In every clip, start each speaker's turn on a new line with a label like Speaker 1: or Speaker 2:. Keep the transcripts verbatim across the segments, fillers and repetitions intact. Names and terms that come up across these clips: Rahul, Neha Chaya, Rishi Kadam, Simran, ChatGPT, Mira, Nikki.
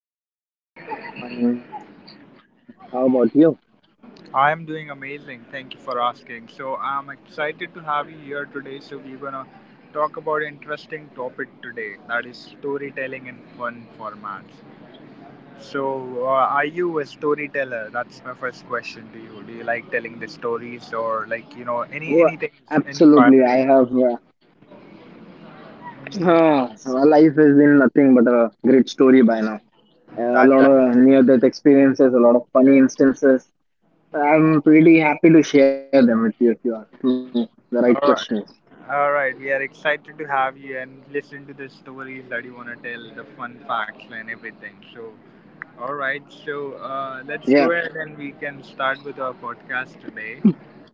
Speaker 1: Hello, fine. How about you?
Speaker 2: I am doing amazing. Thank you for asking. So I'm excited to have you here today. So we're gonna talk about interesting topic today. That is storytelling in fun formats. So uh, are you a storyteller? That's my first question to you. Do you like telling the stories or like you know any
Speaker 1: Oh,
Speaker 2: anything
Speaker 1: absolutely.
Speaker 2: inspiring?
Speaker 1: I have. Uh, my life has been nothing but a great story by now.
Speaker 2: That
Speaker 1: Uh,
Speaker 2: that.
Speaker 1: a lot of near-death experiences, a lot of funny instances. I'm pretty happy to share them with you if you ask me the right
Speaker 2: All
Speaker 1: questions.
Speaker 2: right, all right. We are excited to have you and listen to the stories that you want to tell, the fun facts and everything. So, all right. So uh, let's go ahead
Speaker 1: Yeah,
Speaker 2: and we can start with our podcast today.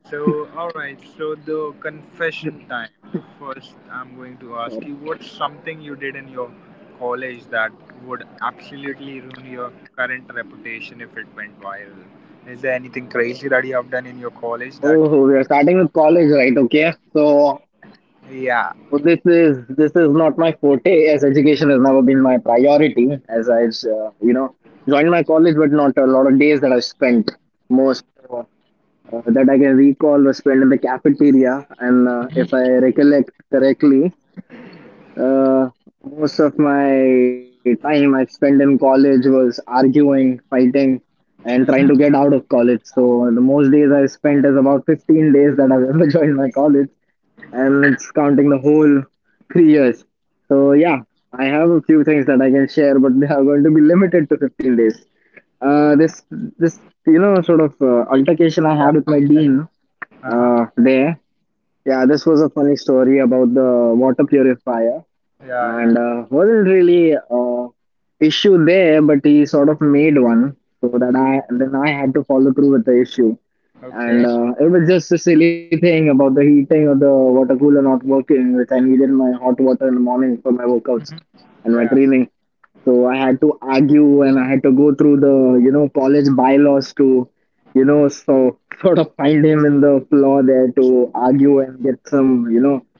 Speaker 2: So, all right. So the confession time. The first, I'm going to ask you, what's
Speaker 1: sure.
Speaker 2: something you did in your college that would absolutely ruin your current reputation if it went viral? Is there anything crazy that you have done in your college that,
Speaker 1: Oh, we are starting with college, right? Okay. So
Speaker 2: yeah?
Speaker 1: So this is this is not my forte, as education has never been my priority. As I, uh, you know, joined my college, but not a lot of days that I spent. Most uh, uh, that I can recall was spent in the cafeteria, and uh, if I recollect correctly, uh, most of my time I spent in college was arguing, fighting, and trying to
Speaker 2: Mm-hmm.
Speaker 1: get out of college. So the most days I spent is about fifteen days that I've ever joined my college, and it's counting the whole three years. So yeah, I have a few things that I can share, but they are going to be limited to fifteen days. Uh, this this you know sort of uh, altercation I
Speaker 2: Yeah.
Speaker 1: had with my dean
Speaker 2: Uh-huh.
Speaker 1: uh, there. Yeah, this was a funny story about the water purifier
Speaker 2: Yeah, yeah.
Speaker 1: and uh, wasn't really uh, issue there, but he sort of made one, so that I then I had to follow through with the issue.
Speaker 2: Okay.
Speaker 1: And uh, it was just a silly thing about the heating of the water cooler not working, which I needed my hot water in the morning for my workouts
Speaker 2: Mhm.
Speaker 1: and my
Speaker 2: Yeah.
Speaker 1: training. So I had to argue and I had to go through the, you know, college bylaws to, you know, so sort of find him in the flaw there to argue and get some, you know,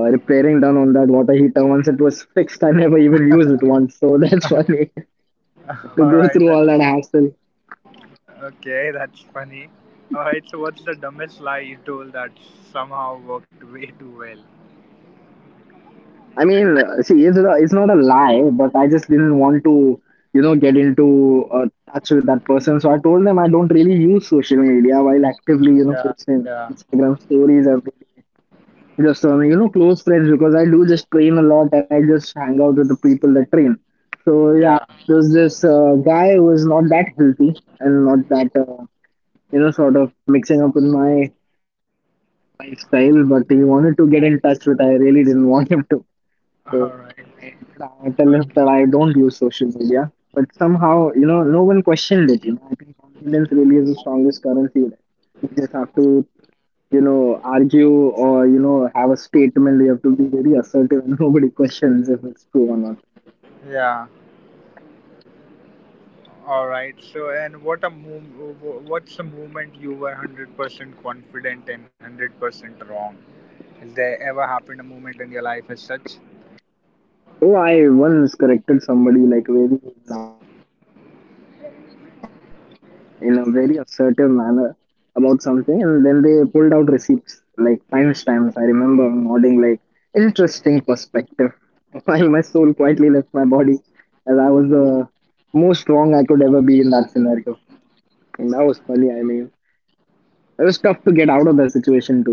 Speaker 1: uh, repairing done on that water heater. Once it was fixed, I never even used it once, so that's funny
Speaker 2: All right.
Speaker 1: to go through
Speaker 2: That's
Speaker 1: all that hassle.
Speaker 2: okay. That's funny. All right. So, what's the dumbest lie you told that somehow worked way too well?
Speaker 1: I mean, uh, see, it's, a, it's not a lie, but I just didn't want to, you know get into uh, touch with that person, so I told them I don't really use social media while actively, you know,
Speaker 2: Yeah.
Speaker 1: posting
Speaker 2: Yeah.
Speaker 1: Instagram stories every day. Just on, you know, close friends, because I do just train a lot and I just hang out with the people that train. So yeah,
Speaker 2: Yeah.
Speaker 1: there was this uh, guy who was not that healthy and not that uh, you know, sort of mixing up with my lifestyle, but he wanted to get in touch with. I really didn't want him to. So
Speaker 2: All
Speaker 1: I did
Speaker 2: right.
Speaker 1: I tell him that I
Speaker 2: Okay.
Speaker 1: don't use social media. But somehow, you know, no one questioned it. You know, I think confidence really is the strongest currency. You just have to, you know, argue or, you know, have a statement. You have to be very assertive, and nobody questions if it's true or not.
Speaker 2: Yeah. All right. So, and what a move. What's the moment you were hundred percent confident and hundred percent wrong? Has there ever happened a moment in your life as such?
Speaker 1: Oh, I once corrected somebody like very loud in a very assertive manner about something, and then they pulled out receipts like timestamps. I remember nodding like, interesting perspective, while my soul quietly left my body, as I was the most wrong I could ever be in that scenario. And that was funny, I mean. It was tough to get out of that situation too.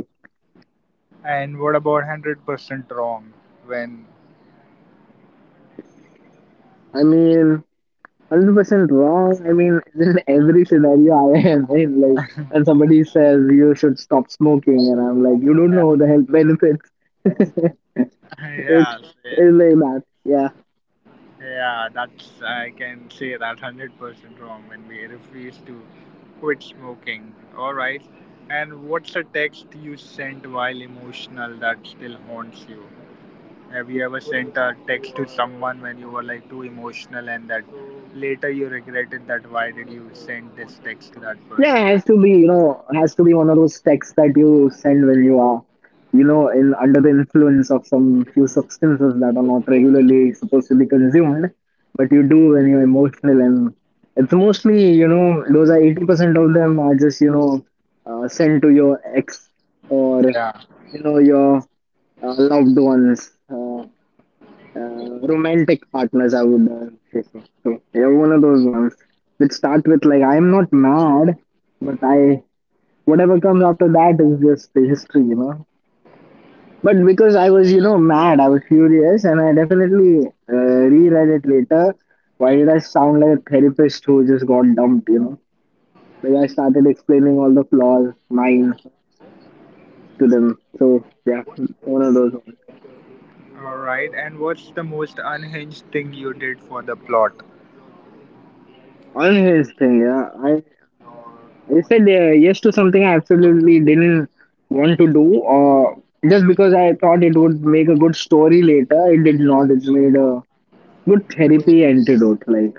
Speaker 2: And what about hundred percent wrong when?
Speaker 1: I mean, one hundred percent wrong. I mean, in every scenario I am in, like, and somebody says you should stop smoking, and I'm like, you don't know the health benefits. it's,
Speaker 2: Yeah, yeah,
Speaker 1: it's like that. Yeah.
Speaker 2: yeah, that's I can say that one hundred percent wrong when we refuse to quit smoking. All right, and what's a text you sent while emotional that still haunts you? Have you ever sent a text to someone when you were like too emotional and that later you regretted that why did you
Speaker 1: Yeah,
Speaker 2: send
Speaker 1: it has
Speaker 2: this
Speaker 1: to be,
Speaker 2: text to
Speaker 1: you
Speaker 2: that person?
Speaker 1: know, it has to be one of those texts that you send when you are, you know, in under the influence of some few substances that are not regularly supposed to be consumed, but you do when you're emotional. And it's mostly, you know, those are eighty percent of them are just, you know, uh, sent to your ex or,
Speaker 2: Yeah.
Speaker 1: you know, your uh, loved ones. Uh, uh, romantic partners, I would uh, say. So. So you're one of those ones that start with like, I'm not mad, but I, whatever comes after that is just the history, you know. But because I was, you know, mad, I was furious, and I definitely uh, reread it later. Why did I sound like a therapist who just got dumped, you know? Like I started explaining all the flaws, mine, to them. So yeah, one of those ones.
Speaker 2: All right, and what's the most unhinged thing you did for the plot?
Speaker 1: On his thing, yeah, I said uh, yes to something I absolutely didn't want to do, or just because I thought it would make a good story later. It did not. It made a good therapy antidote. Like,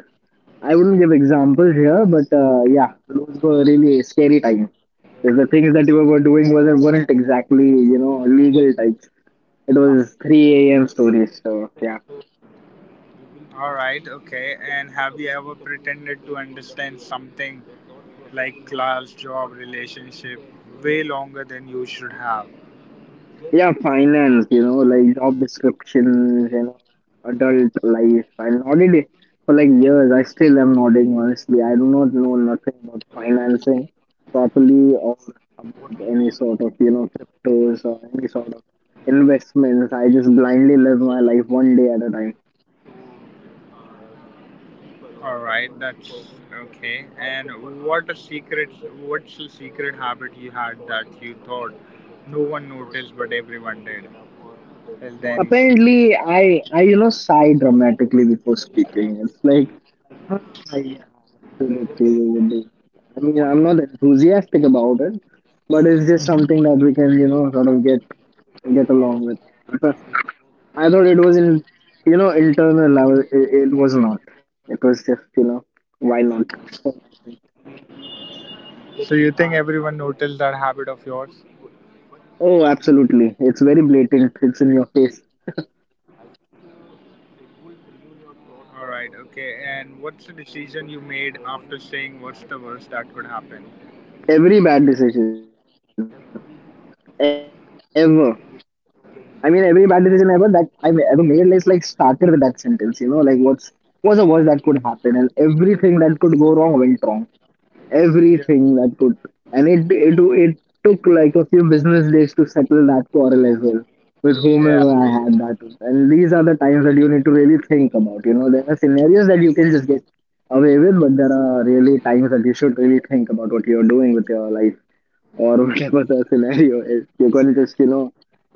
Speaker 1: I wouldn't give examples here, but uh, yeah, those were really scary times. Because the things that you were doing wasn't weren't exactly, you know, legal types. It was three a m stories. So yeah.
Speaker 2: All right, okay. And have you ever pretended to understand something like class, job, relationship way longer than you should have?
Speaker 1: Yeah, finance, you know, like job descriptions, you know, adult life. I nodded it for like years. I still am nodding, honestly. I do not know nothing about financing properly, or about any sort of, you know, cryptos or any sort of investments. I just blindly live my life one day at a time.
Speaker 2: All right, that's okay. And what a secret what's a secret habit you had that you thought no one noticed but everyone did? Is there any secret?
Speaker 1: Apparently, I, I, you know, sigh dramatically before speaking. It's like, ah, yeah, absolutely, we will do that. I mean, I'm not enthusiastic about it, but it's just something that
Speaker 2: Mhm.
Speaker 1: we can, you know, sort of get get along with. But I thought it was in, you know, internal. I was, it, it was not. It was just, you know, why not?
Speaker 2: So you think everyone noticed that habit of yours?
Speaker 1: Oh, absolutely. It's very blatant. It's in your face.
Speaker 2: All right, okay. And what's the decision you made after saying what's the worst that could happen?
Speaker 1: Every bad decision ever I mean, every bad decision ever that I've ever made is like started with that sentence, you know, like what's what's the worst that could happen, and everything that could go wrong went wrong.
Speaker 2: Yeah.
Speaker 1: Everything that could, and it it it took like a few business days to settle that quarrel as well with
Speaker 2: Yeah.
Speaker 1: whomever I had that with. And these are the times that you need to really think about, you know, there are scenarios that you can just get away with, but there are really times that you should really think about what you're doing with your life or whatever the scenario is, you're going to just, you know,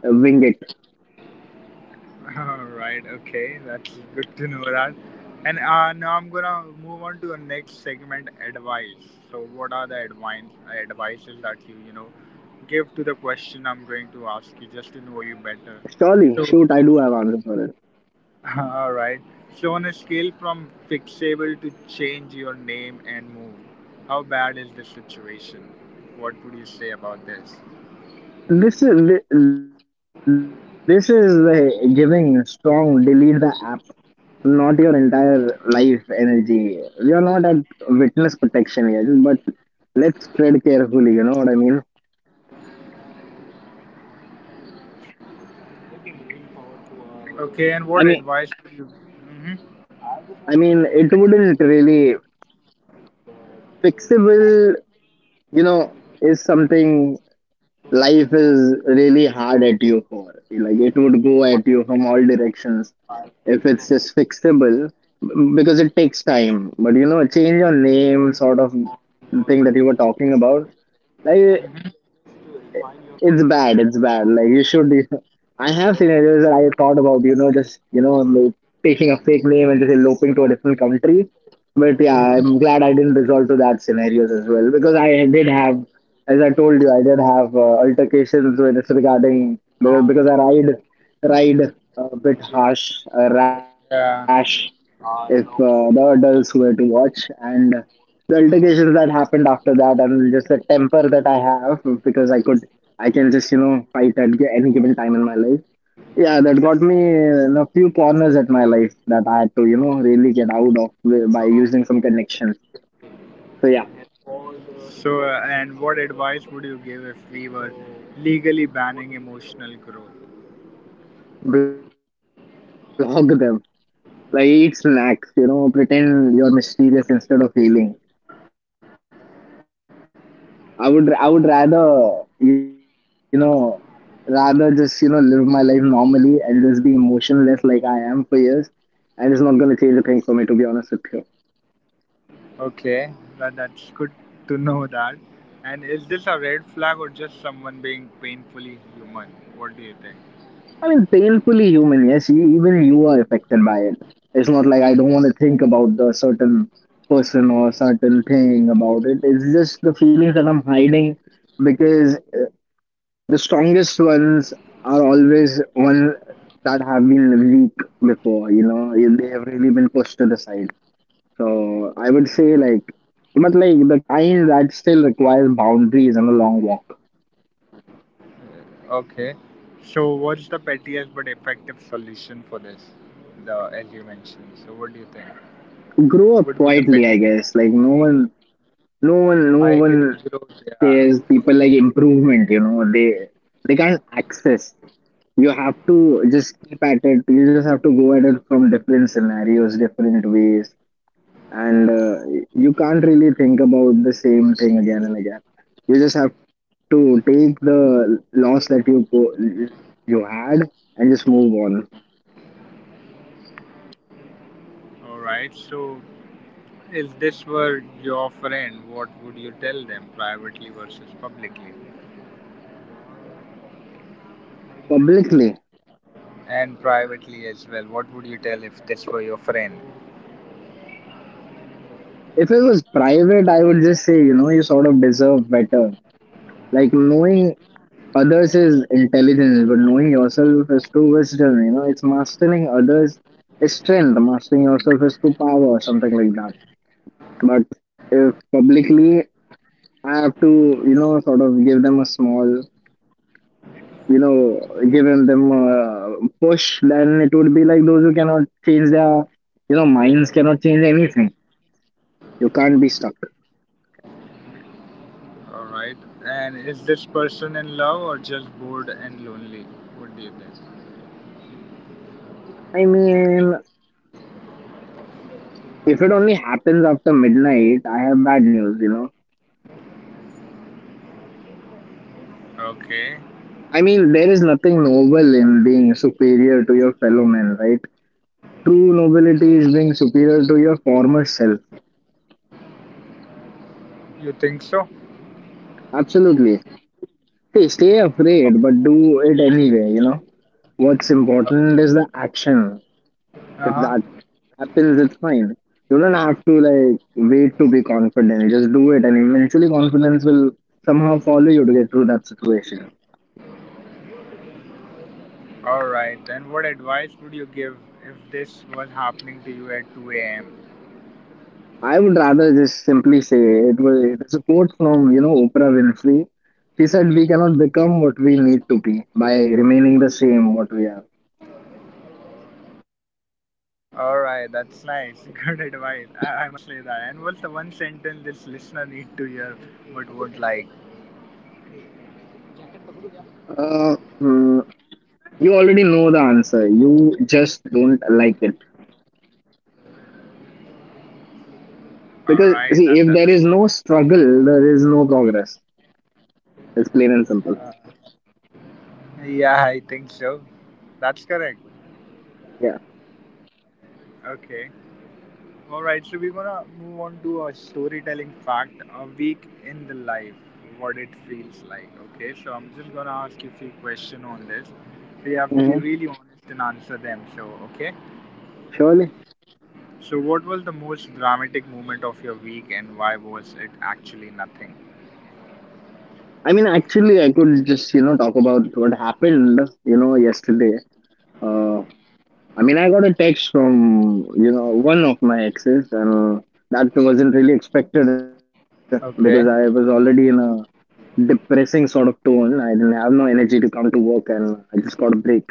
Speaker 1: uh, wing it.
Speaker 2: Alright, okay, that's good to know that. And uh, now I'm gonna move on to the next segment, advice. So, what are the advice advices that you you know give to the question I'm going to ask you just to know you better?
Speaker 1: Surely, shoot, I do have answers for it.
Speaker 2: Alright. So, on a scale from fixable to change your name and move, how bad is the situation? What would you say about this?
Speaker 1: This is thi- this is the giving strong delete the app, not your entire life energy. We are not at witness protection yet, but let's tread carefully. You know what I mean?
Speaker 2: Okay, and what
Speaker 1: I
Speaker 2: advice
Speaker 1: mean,
Speaker 2: would you? Hmm.
Speaker 1: I mean, it wouldn't really fixable. You know,
Speaker 2: Mhm.
Speaker 1: is something life is really hard at you for. Like, it would go at you from all directions if it's just fixable, m- because it takes time, but you know, a change on name sort of thing that you were talking about, like it-
Speaker 2: Mhm.
Speaker 1: it's bad, it's bad, like you should, I have scenarios that I thought about, you know, just, you know, like taking a fake name and just eloping to a different country. But yeah, I'm glad I didn't resort to that scenarios as well, because I did have as I told you, I did have uh, altercations with this regarding, because i ride ride a bit harsh, uh, rash,
Speaker 2: Yeah.
Speaker 1: if uh, the adults were to watch, and the altercations that happened after that, and just the temper that I have, because I could I can just, you know, fight at gi- any given time in my life. Yeah, that got me in a few corners at my life that I had to, you know, really get out of wi- by using some connections. So yeah,
Speaker 2: So, uh, and what advice would you give if we were legally banning emotional growth?
Speaker 1: block them. Like, eat snacks, you know, pretend you're mysterious instead of healing. I would I would rather, you know, rather just, you know, live my life normally and just be emotionless like I am for years, and it's not gonna change a thing for me to be honest with you.
Speaker 2: Okay, well, that's good to know that. And is this a red flag or just someone being painfully human? What do you think?
Speaker 1: I mean, painfully human. Yes, e- even you are affected by it. It's not like I don't want to think about the certain person or certain thing about it. It's just the feelings that I'm hiding, because the strongest ones are always ones that have been weak before, you know, they have really been pushed to the side. So I would say like, but like the kind that still requires boundaries and a long walk.
Speaker 2: Okay, so what's the pettiest but effective solution for this? The as you mentioned. So what do you think? Would be
Speaker 1: Grow
Speaker 2: the
Speaker 1: up
Speaker 2: petty.
Speaker 1: quietly, I guess. Like, no one, no
Speaker 2: I
Speaker 1: one,
Speaker 2: agree,
Speaker 1: no one
Speaker 2: gross. Yeah.
Speaker 1: says people like improvement. You know, they they can't access. You have to just keep at it. You just have to go at it from different scenarios, different ways, and uh, you can't really think about the same thing again and again. You just have to take the loss that you po- you had, and just move on.
Speaker 2: All right. So if this were your friend, what would you tell them privately versus publicly?
Speaker 1: Publicly,
Speaker 2: And privately as well. What would you tell if this were your friend?
Speaker 1: if it was private, I would just say, you know, you sort of deserve better. Like knowing others is intelligence, but knowing yourself is true wisdom. You know, it's mastering others is strength. Mastering yourself is true power, something like that. But if publicly I have to, you know, sort of give them a small, you know, give them them a push. Then it would be like those who cannot change their, you know, minds cannot change anything. You can't be stuck.
Speaker 2: All right. And is this person in love or just bored and lonely? What do you think?
Speaker 1: I mean, if it only happens after midnight, I have bad news. You know,
Speaker 2: Okay.
Speaker 1: I mean, there is nothing noble in being superior to your fellow men, right? True nobility is being superior to your former self.
Speaker 2: You think so?
Speaker 1: Absolutely. See, stay afraid, but do it anyway, you know? What's
Speaker 2: Uh
Speaker 1: important is the action. If
Speaker 2: huh.
Speaker 1: that happens, it's fine. You don't have to like wait to be confident. Just do it, and eventually confidence will somehow follow you to get through that situation.
Speaker 2: All right. And what advice would you give if this was happening to you at two a m?
Speaker 1: I would rather just simply say it was it is a quote from you know Oprah Winfrey. She said, "We cannot become what we need to be by remaining the same what we are."
Speaker 2: All right. That's nice. Good advice. I, I must say that. And what's the one sentence this listener need to hear but would like?
Speaker 1: Uh, hmm, you already know the answer. You just don't like it.
Speaker 2: All
Speaker 1: Because
Speaker 2: right.
Speaker 1: see,
Speaker 2: That
Speaker 1: if there
Speaker 2: that's.
Speaker 1: is no struggle, there is no progress. It's plain and simple.
Speaker 2: Yeah, I think so. That's correct.
Speaker 1: Yeah.
Speaker 2: Okay. All right, so we're gonna move on to a storytelling fact, a week in the life, what it feels like. Okay, so I'm just gonna ask you a few questions on this. So you have to be
Speaker 1: Hmm.
Speaker 2: really honest and answer them. So okay.
Speaker 1: Surely.
Speaker 2: So what was the most dramatic moment of your week, and why was it actually nothing?
Speaker 1: I mean, actually, I could just you know talk about what happened you know yesterday. Uh, I mean, I got a text from, you know, one of my exes, and uh, that wasn't really expected because I was
Speaker 2: Okay.
Speaker 1: already in a depressing sort of tone. I didn't have no energy to come to work, and I just got a break.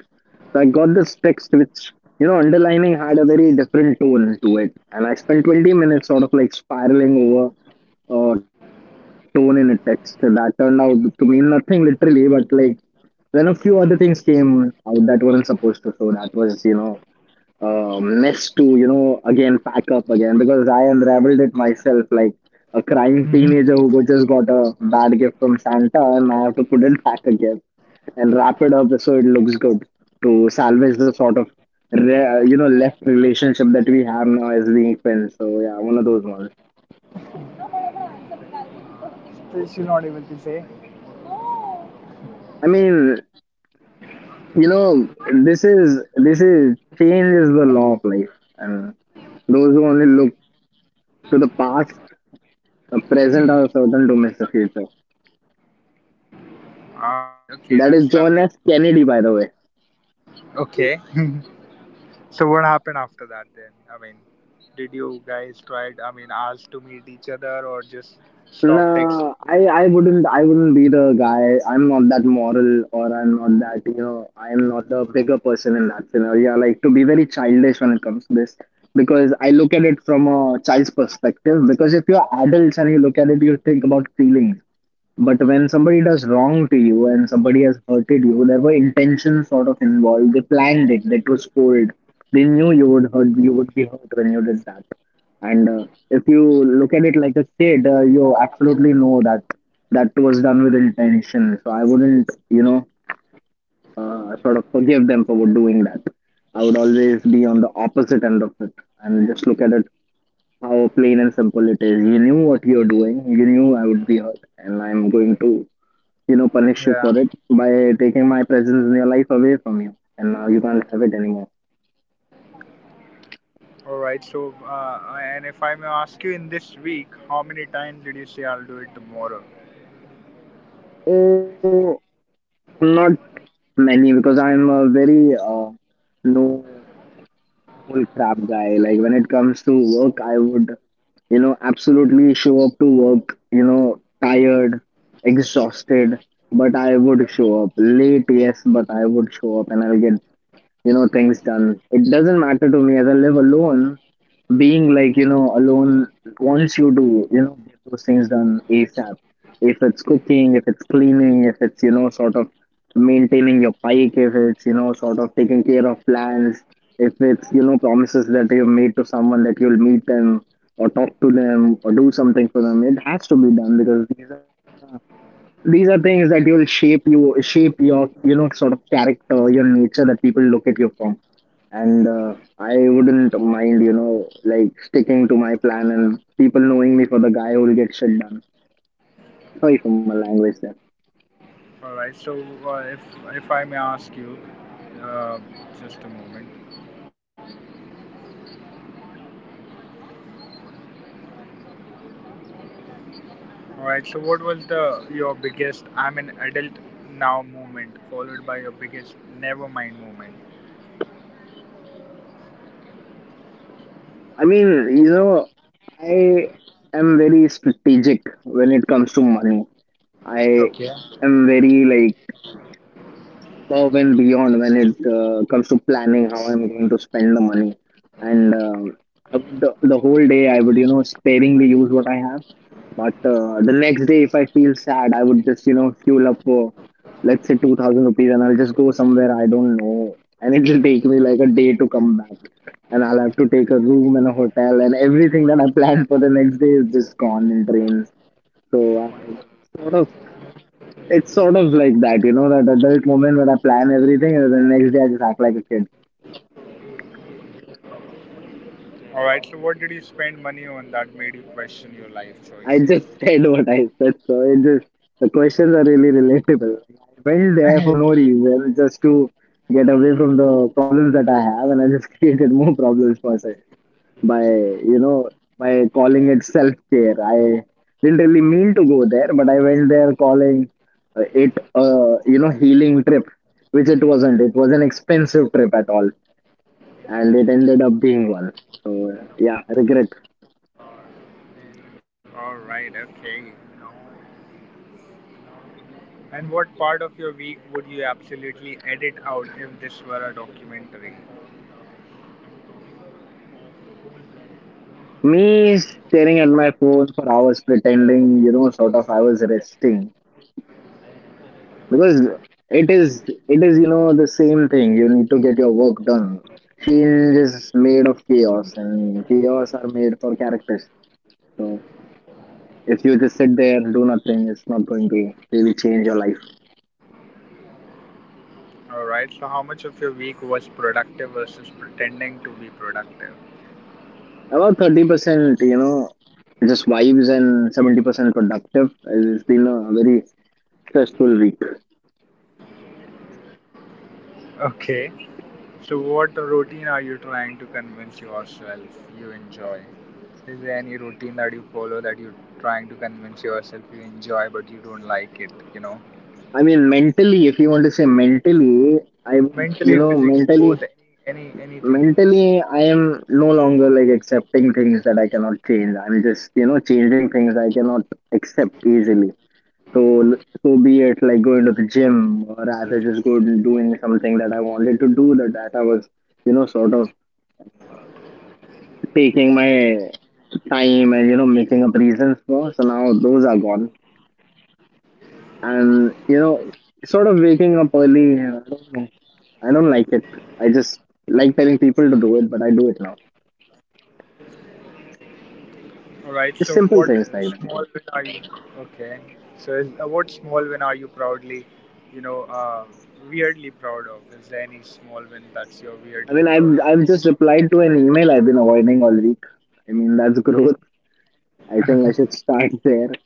Speaker 1: So I got this text, which, you know, underlining had a very different tone to it. And I spent twenty minutes sort of like spiraling over uh, tone in a text that turned out to mean nothing literally, but like then a few other things came out that weren't supposed to. So that was, you know, uh, mess to you know again pack up again because I unraveled it myself like a crying
Speaker 2: Mm-hmm.
Speaker 1: teenager who go- just got a bad gift from Santa, and I have to put it back again and wrap it up so it looks good to salvage the sort of re- you know left relationship that we have now as being friends. So yeah, one of those ones.
Speaker 2: This you're not able to say.
Speaker 1: I mean, you know, this is this is change is the law of life, and those who only look to the past, the present are certain to miss the future.
Speaker 2: All right. Okay,
Speaker 1: That is
Speaker 2: that's
Speaker 1: John
Speaker 2: lovely.
Speaker 1: F. Kennedy, by the way.
Speaker 2: Okay. So what happened after that then? I mean, did you guys tried? I mean, asked to meet each other or just stop texting?
Speaker 1: No, I, I wouldn't I wouldn't be the guy. I'm not that moral, or I'm not that, you know, I'm not the bigger person in that scenario. I like to be very childish when it comes to this because I look at it from a child's perspective. Because if you're adults and you look at it, you think about feelings. But when somebody does wrong to you and somebody has hurted you, there were intentions sort of involved. They planned it, they postponed. They knew you would hurt you would be hurt when you did that. And uh, if you look at it like a shade, uh, you absolutely know that that was done with intention. So I wouldn't, you know, uh, sort of forgive them for doing that. I would always be on the opposite end of it and just look at it how plain and simple it is. You knew what you're doing. You knew I would be hurt, and I'm going to, you know, punish you
Speaker 2: Yeah.
Speaker 1: for it by taking my presence in your life away from you. And now you can't have it anymore.
Speaker 2: All right. So, uh, and if I may ask you, in this week, how many times did you say I'll do it tomorrow?
Speaker 1: Oh, not many because I'm a very uh, no full crap guy. Like when it comes to work, I would, you know, absolutely show up to work, you know, tired, exhausted, but I would show up late, yes, but I would show up and I'll get you know things done. It doesn't matter to me. As I live alone, being like you know alone wants you to you know get those things done asap. If it's cooking, if it's cleaning, if it's you know sort of maintaining your bike, if it's you know sort of taking care of plans, if it's you know promises that you've made to someone that you'll meet them or talk to them or do something for them, it has to be done because these are these are things that will shape you, shape your you know sort of character, your nature that people look at you from. And uh, I wouldn't mind you know like sticking to my plan and people knowing me for the guy who will get shit done. Sorry for my language there.
Speaker 2: All right. So, uh, if if I may ask you, uh, just a moment. All right. So, what was the your biggest I'm an adult now moment followed by your biggest never mind moment?
Speaker 1: I mean, you know, I am very strategic when it comes to money. I
Speaker 2: Okay.
Speaker 1: am very like above and beyond when it uh, comes to planning how I'm going to spend the money. And uh, I would the, the whole day I would you know sparingly use what I have. But uh, the next day, if I feel sad, I would just you know fuel up for let's say two thousand rupees, and I'll just go somewhere, I don't know, and it'll take me like a day to come back. And I'll have to take a room and a hotel, and everything that I planned for the next day is just gone in trains. So I'm sort of, it's sort of like that, you know, that adult moment when I plan everything and then the next day I just act like a kid.
Speaker 2: All right. So, what did you spend money on that made you question your life
Speaker 1: I just
Speaker 2: choices?
Speaker 1: said what I said, so it just the questions are really relatable. I went there for no reason, just to get away from the problems that I have, and I just created more problems for myself by, you know, by calling it self care. I didn't really mean to go there, but I went there calling uh, it, uh, you know, healing trip, which it wasn't. It was an expensive trip at all, and it ended up being one. So yeah, regret.
Speaker 2: All right. Okay. And what part of your week would you absolutely edit out if this were a documentary?
Speaker 1: Me staring at my phone for hours, pretending you know, sort of I was resting because it is it is you know the same thing. You need to get your work done. Change is made of chaos, and chaos are made for characters. So if you just sit there and do nothing, it's not going to really change your life.
Speaker 2: All right. So, how much of your week was productive versus pretending to be productive?
Speaker 1: About thirty percent, you know, just vibes, and seventy percent productive. It's been a very stressful week.
Speaker 2: Okay. So, what routine are you trying to convince yourself you enjoy? Is there any routine that you follow that you're trying to convince yourself you enjoy but you don't like it? You know.
Speaker 1: I mean, mentally, if you want to say mentally, I would,
Speaker 2: Mentally,
Speaker 1: you know,
Speaker 2: physically, both,
Speaker 1: mentally,
Speaker 2: any, any, anything.
Speaker 1: mentally, I am no longer like accepting things that I cannot change. I'm just, you know, changing things I cannot accept easily. So, so be it like going to the gym or rather just go and doing something that I wanted to do that, that I was, you know, sort of uh, taking my time and, you know, making up reasons for. So now those are gone. And you know, sort of waking up early, I don't know. I don't like it. I just like telling people to do it, but I do it now.
Speaker 2: All right. So, what
Speaker 1: Just simple things
Speaker 2: small
Speaker 1: like
Speaker 2: win
Speaker 1: that.
Speaker 2: are you? Okay. So, is, uh, what small win are you proudly, you know, uh, weirdly proud of? Is there any small win that's you're weirdly
Speaker 1: I mean,
Speaker 2: proud
Speaker 1: I've I've just replied to an email I've been avoiding all week. I mean, that's growth. I think I
Speaker 2: of?
Speaker 1: should start there.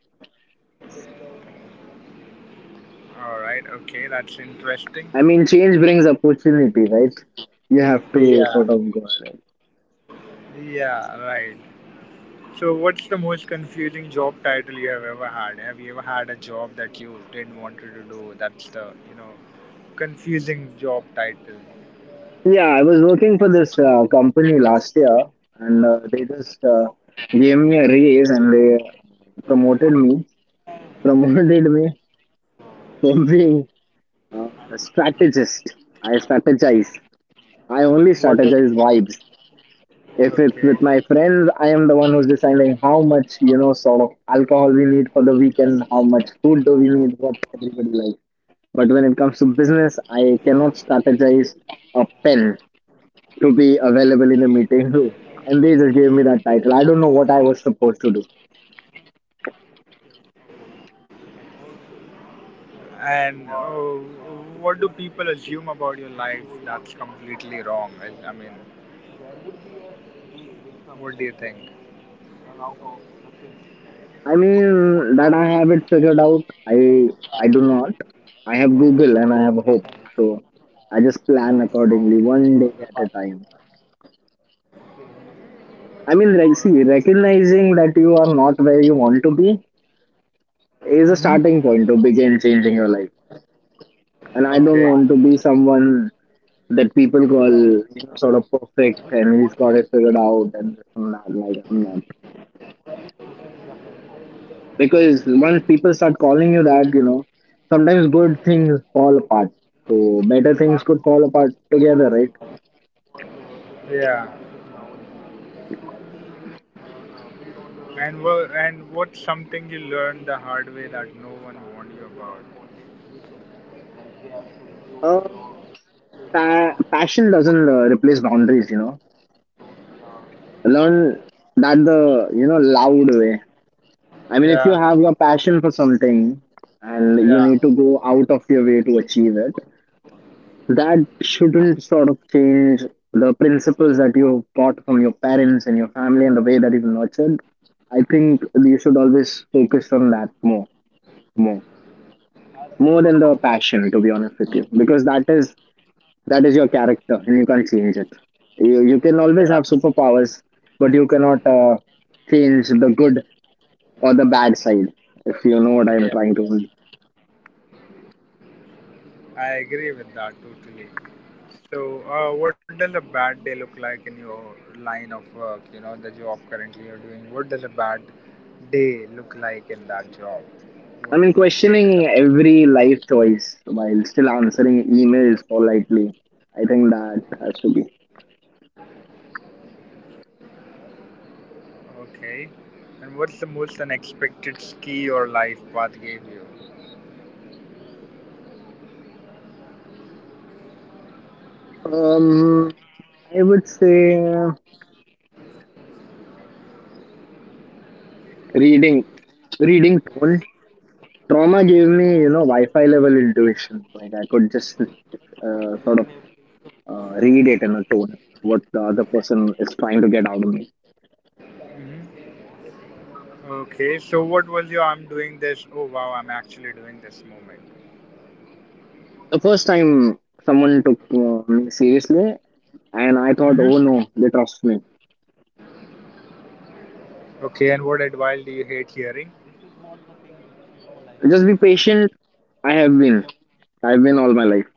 Speaker 2: All right. Okay. That's interesting.
Speaker 1: I mean, change brings opportunity, right? You have to
Speaker 2: Yeah.
Speaker 1: sort of go ahead.
Speaker 2: Yeah. Right. So, what's the most confusing job title you have ever had? Have you ever had a job that you didn't want to do? That's the you know confusing job title.
Speaker 1: Yeah, I was working for this uh, company last year, and uh, they just uh, gave me a raise and they uh, promoted me. Promoted me every uh, strategist. I strategize. I only
Speaker 2: What was
Speaker 1: strategize vibes. If it's
Speaker 2: okay?
Speaker 1: with my friends, I am the one who's deciding how much you know sort of alcohol we need for the weekend, how much food do we need, what everybody likes. But when it comes to business, I cannot strategize a pen to be available in a meeting room, and they just gave me that title. I don't know what I was supposed to do.
Speaker 2: And uh, what do people assume about your life that's completely wrong? I, I mean, what do you think?
Speaker 1: I mean, that I have it figured out. I I do not. I have Google and I have hope. So I just plan accordingly, one day at a time. I mean, like, see, recognizing that you are not where you want to be is
Speaker 2: Mm-hmm.
Speaker 1: a starting point to begin changing your life. And I
Speaker 2: Okay.
Speaker 1: don't want to be someone that people call you know, sort of perfect and he's got it figured out and this and that. Like I'm not. Because once people start calling you that, you know, sometimes good things fall apart. So better things could fall apart together, right?
Speaker 2: Yeah. And what and what's something you learned the hard way that no one warned you about?
Speaker 1: Um, pa- passion doesn't uh, replace boundaries, you know. Learn that the, you know, loud way. I mean, if you
Speaker 2: Yeah.
Speaker 1: have your passion for something and you need
Speaker 2: Yeah.
Speaker 1: to go out of your way to achieve it, that shouldn't sort of change the principles that you've got from your parents and your family and the way that you've nurtured. I think you should always focus on that more, more, more than the passion, to be honest with you, because that is that is your character, and you can't change it. You, you can always
Speaker 2: Yeah.
Speaker 1: have superpowers, but you cannot uh, change the good or the bad side, if you know what I'm
Speaker 2: Yeah.
Speaker 1: trying to.
Speaker 2: I agree with that totally. So, uh, what does a bad day look like in your line of work? You know, the job currently you're doing. What does a bad day look like in that job?
Speaker 1: I
Speaker 2: What
Speaker 1: mean,
Speaker 2: would you say to
Speaker 1: questioning
Speaker 2: that?
Speaker 1: every life choice while still answering emails politely. I think that has to be.
Speaker 2: Okay. And what's the most unexpected ski your life path gave you?
Speaker 1: Um, I would say reading, reading tone. Trauma gave me, you know, Wi-Fi level intuition. Like I could just uh, sort of uh, read it in a tone what the other person is trying to get out of me.
Speaker 2: Hmm. Okay. So, what was your I'm doing this? Oh, wow, I'm actually doing this moment.
Speaker 1: The first time someone took uh, me seriously, and I thought, oh
Speaker 2: Hmm.
Speaker 1: no, they trust me.
Speaker 2: Okay, and what advice do you hate hearing?
Speaker 1: Just be patient. I have been. I've been all my life.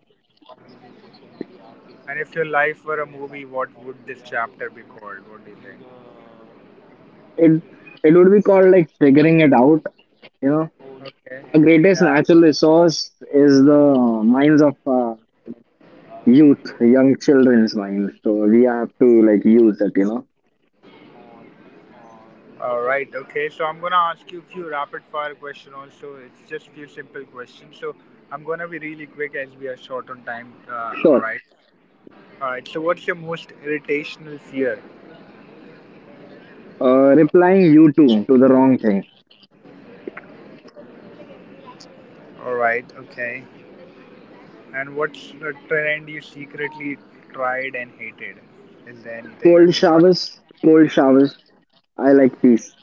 Speaker 2: And if your life were a movie, what would this chapter be called? What do you think?
Speaker 1: It it would be called like figuring it out. You know,
Speaker 2: Okay.
Speaker 1: our greatest
Speaker 2: Yeah.
Speaker 1: natural resource is the minds of uh, youth, young children's minds. So we have to like use it. You know,
Speaker 2: All right. Okay. So I'm gonna ask you a few rapid fire questions. Also, it's just few simple questions. So I'm gonna be really quick as we are short on time. Uh, all
Speaker 1: sure.
Speaker 2: right. All right. So what's your most irritational fear?
Speaker 1: Uh, replying you too to the wrong thing.
Speaker 2: All right, okay. And what's the trend you secretly tried and hated? Is there anything that
Speaker 1: Cold
Speaker 2: you tried?
Speaker 1: showers, cold showers. I like peace.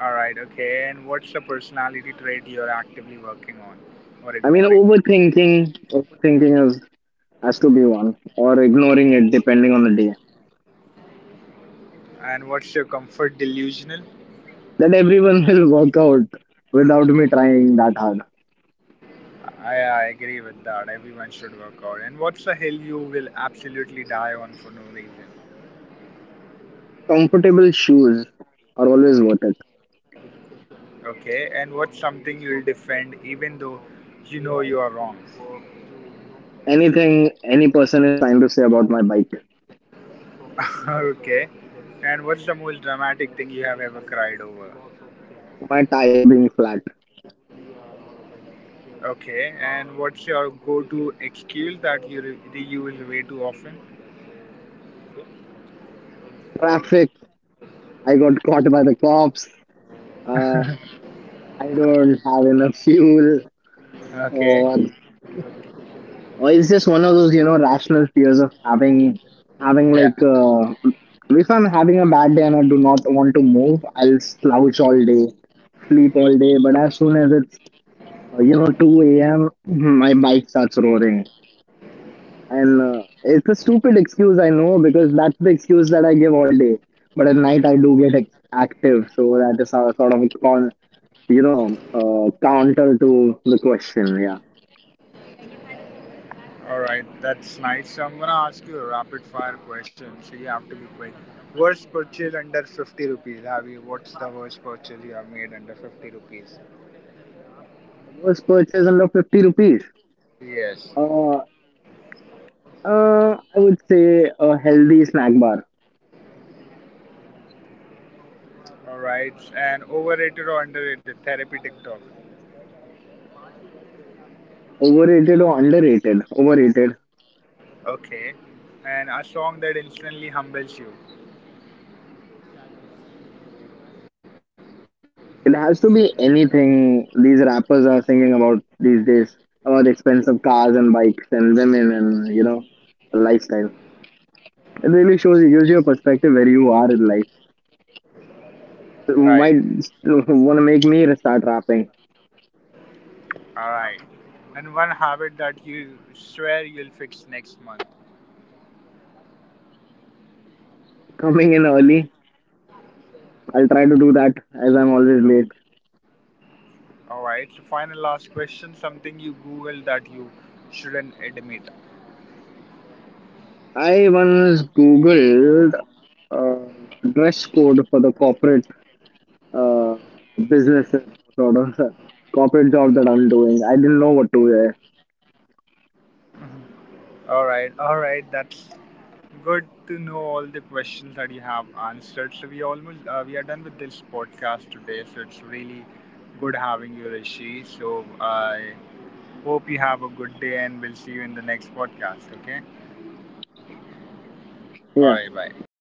Speaker 2: All right, okay. And what's the personality trait you're actively working on or
Speaker 1: I mean,
Speaker 2: ignoring?
Speaker 1: overthinking, overthinking is has to be one, or ignoring it depending on the day.
Speaker 2: And what's your comfort delusional?
Speaker 1: That everyone will work out without me trying that hard.
Speaker 2: I, I agree with that. Everyone should work out. And what's the hill you will absolutely die on for no reason?
Speaker 1: Comfortable shoes are always worth it.
Speaker 2: Okay. And what's something you'll defend even though you know you are wrong?
Speaker 1: Anything any person is trying to say about my bike,
Speaker 2: Okay. And what's the most dramatic thing you have ever cried over?
Speaker 1: my tire being flat,
Speaker 2: Okay, and what's your go-to excuse that you re- reuse way too often?
Speaker 1: traffic, I got caught by the cops, uh, I don't have enough fuel,
Speaker 2: Okay,
Speaker 1: or, or it's just one of those you know rational fears of having having
Speaker 2: yeah,
Speaker 1: like uh, if I'm having a bad day and I do not want to move, I'll slouch all day, sleep all day. But as soon as it's Uh, you know, two a m, my bike starts roaring. And uh, it's a stupid excuse, I know, because that's the excuse that I give all day. But at night, I do get ex- active. So that is how, sort of, a con, you know, uh, counter to the question. Yeah.
Speaker 2: all right, that's nice. So I'm gonna ask you a rapid-fire question, so you have to be quick. Worst purchase under fifty rupees. Have you? What's the worst purchase you have made under fifty rupees?
Speaker 1: Worst purchase under fifty rupees.
Speaker 2: Yes.
Speaker 1: Uh, uh, I would say a healthy snack bar.
Speaker 2: All right, and overrated or underrated? Therapy TikTok.
Speaker 1: Overrated or underrated? Overrated.
Speaker 2: Okay, and a song that instantly humbles you.
Speaker 1: It has to be anything these rappers are singing about these days about expensive cars and bikes and women and you know lifestyle. It really shows gives you a perspective where you are in life. So
Speaker 2: Right.
Speaker 1: might want to make me start rapping.
Speaker 2: Alright. And one habit that you swear you'll fix next month.
Speaker 1: Coming in early, I'll try to do that as I'm always late.
Speaker 2: Alright. So, final last question something you Google that you shouldn't admit.
Speaker 1: I once googled uh, dress code for the corporate uh, businesses, sort of corporate job that I'm doing. I didn't know what to wear.
Speaker 2: Alright. Alright. That's good to know all the questions that you have answered. So, we almost uh, we are done with this podcast today. So, it's really good having you, Rishi. So, I hope you have a good day and we'll see you in the next podcast. Okay.
Speaker 1: Yeah.
Speaker 2: Alright. Bye.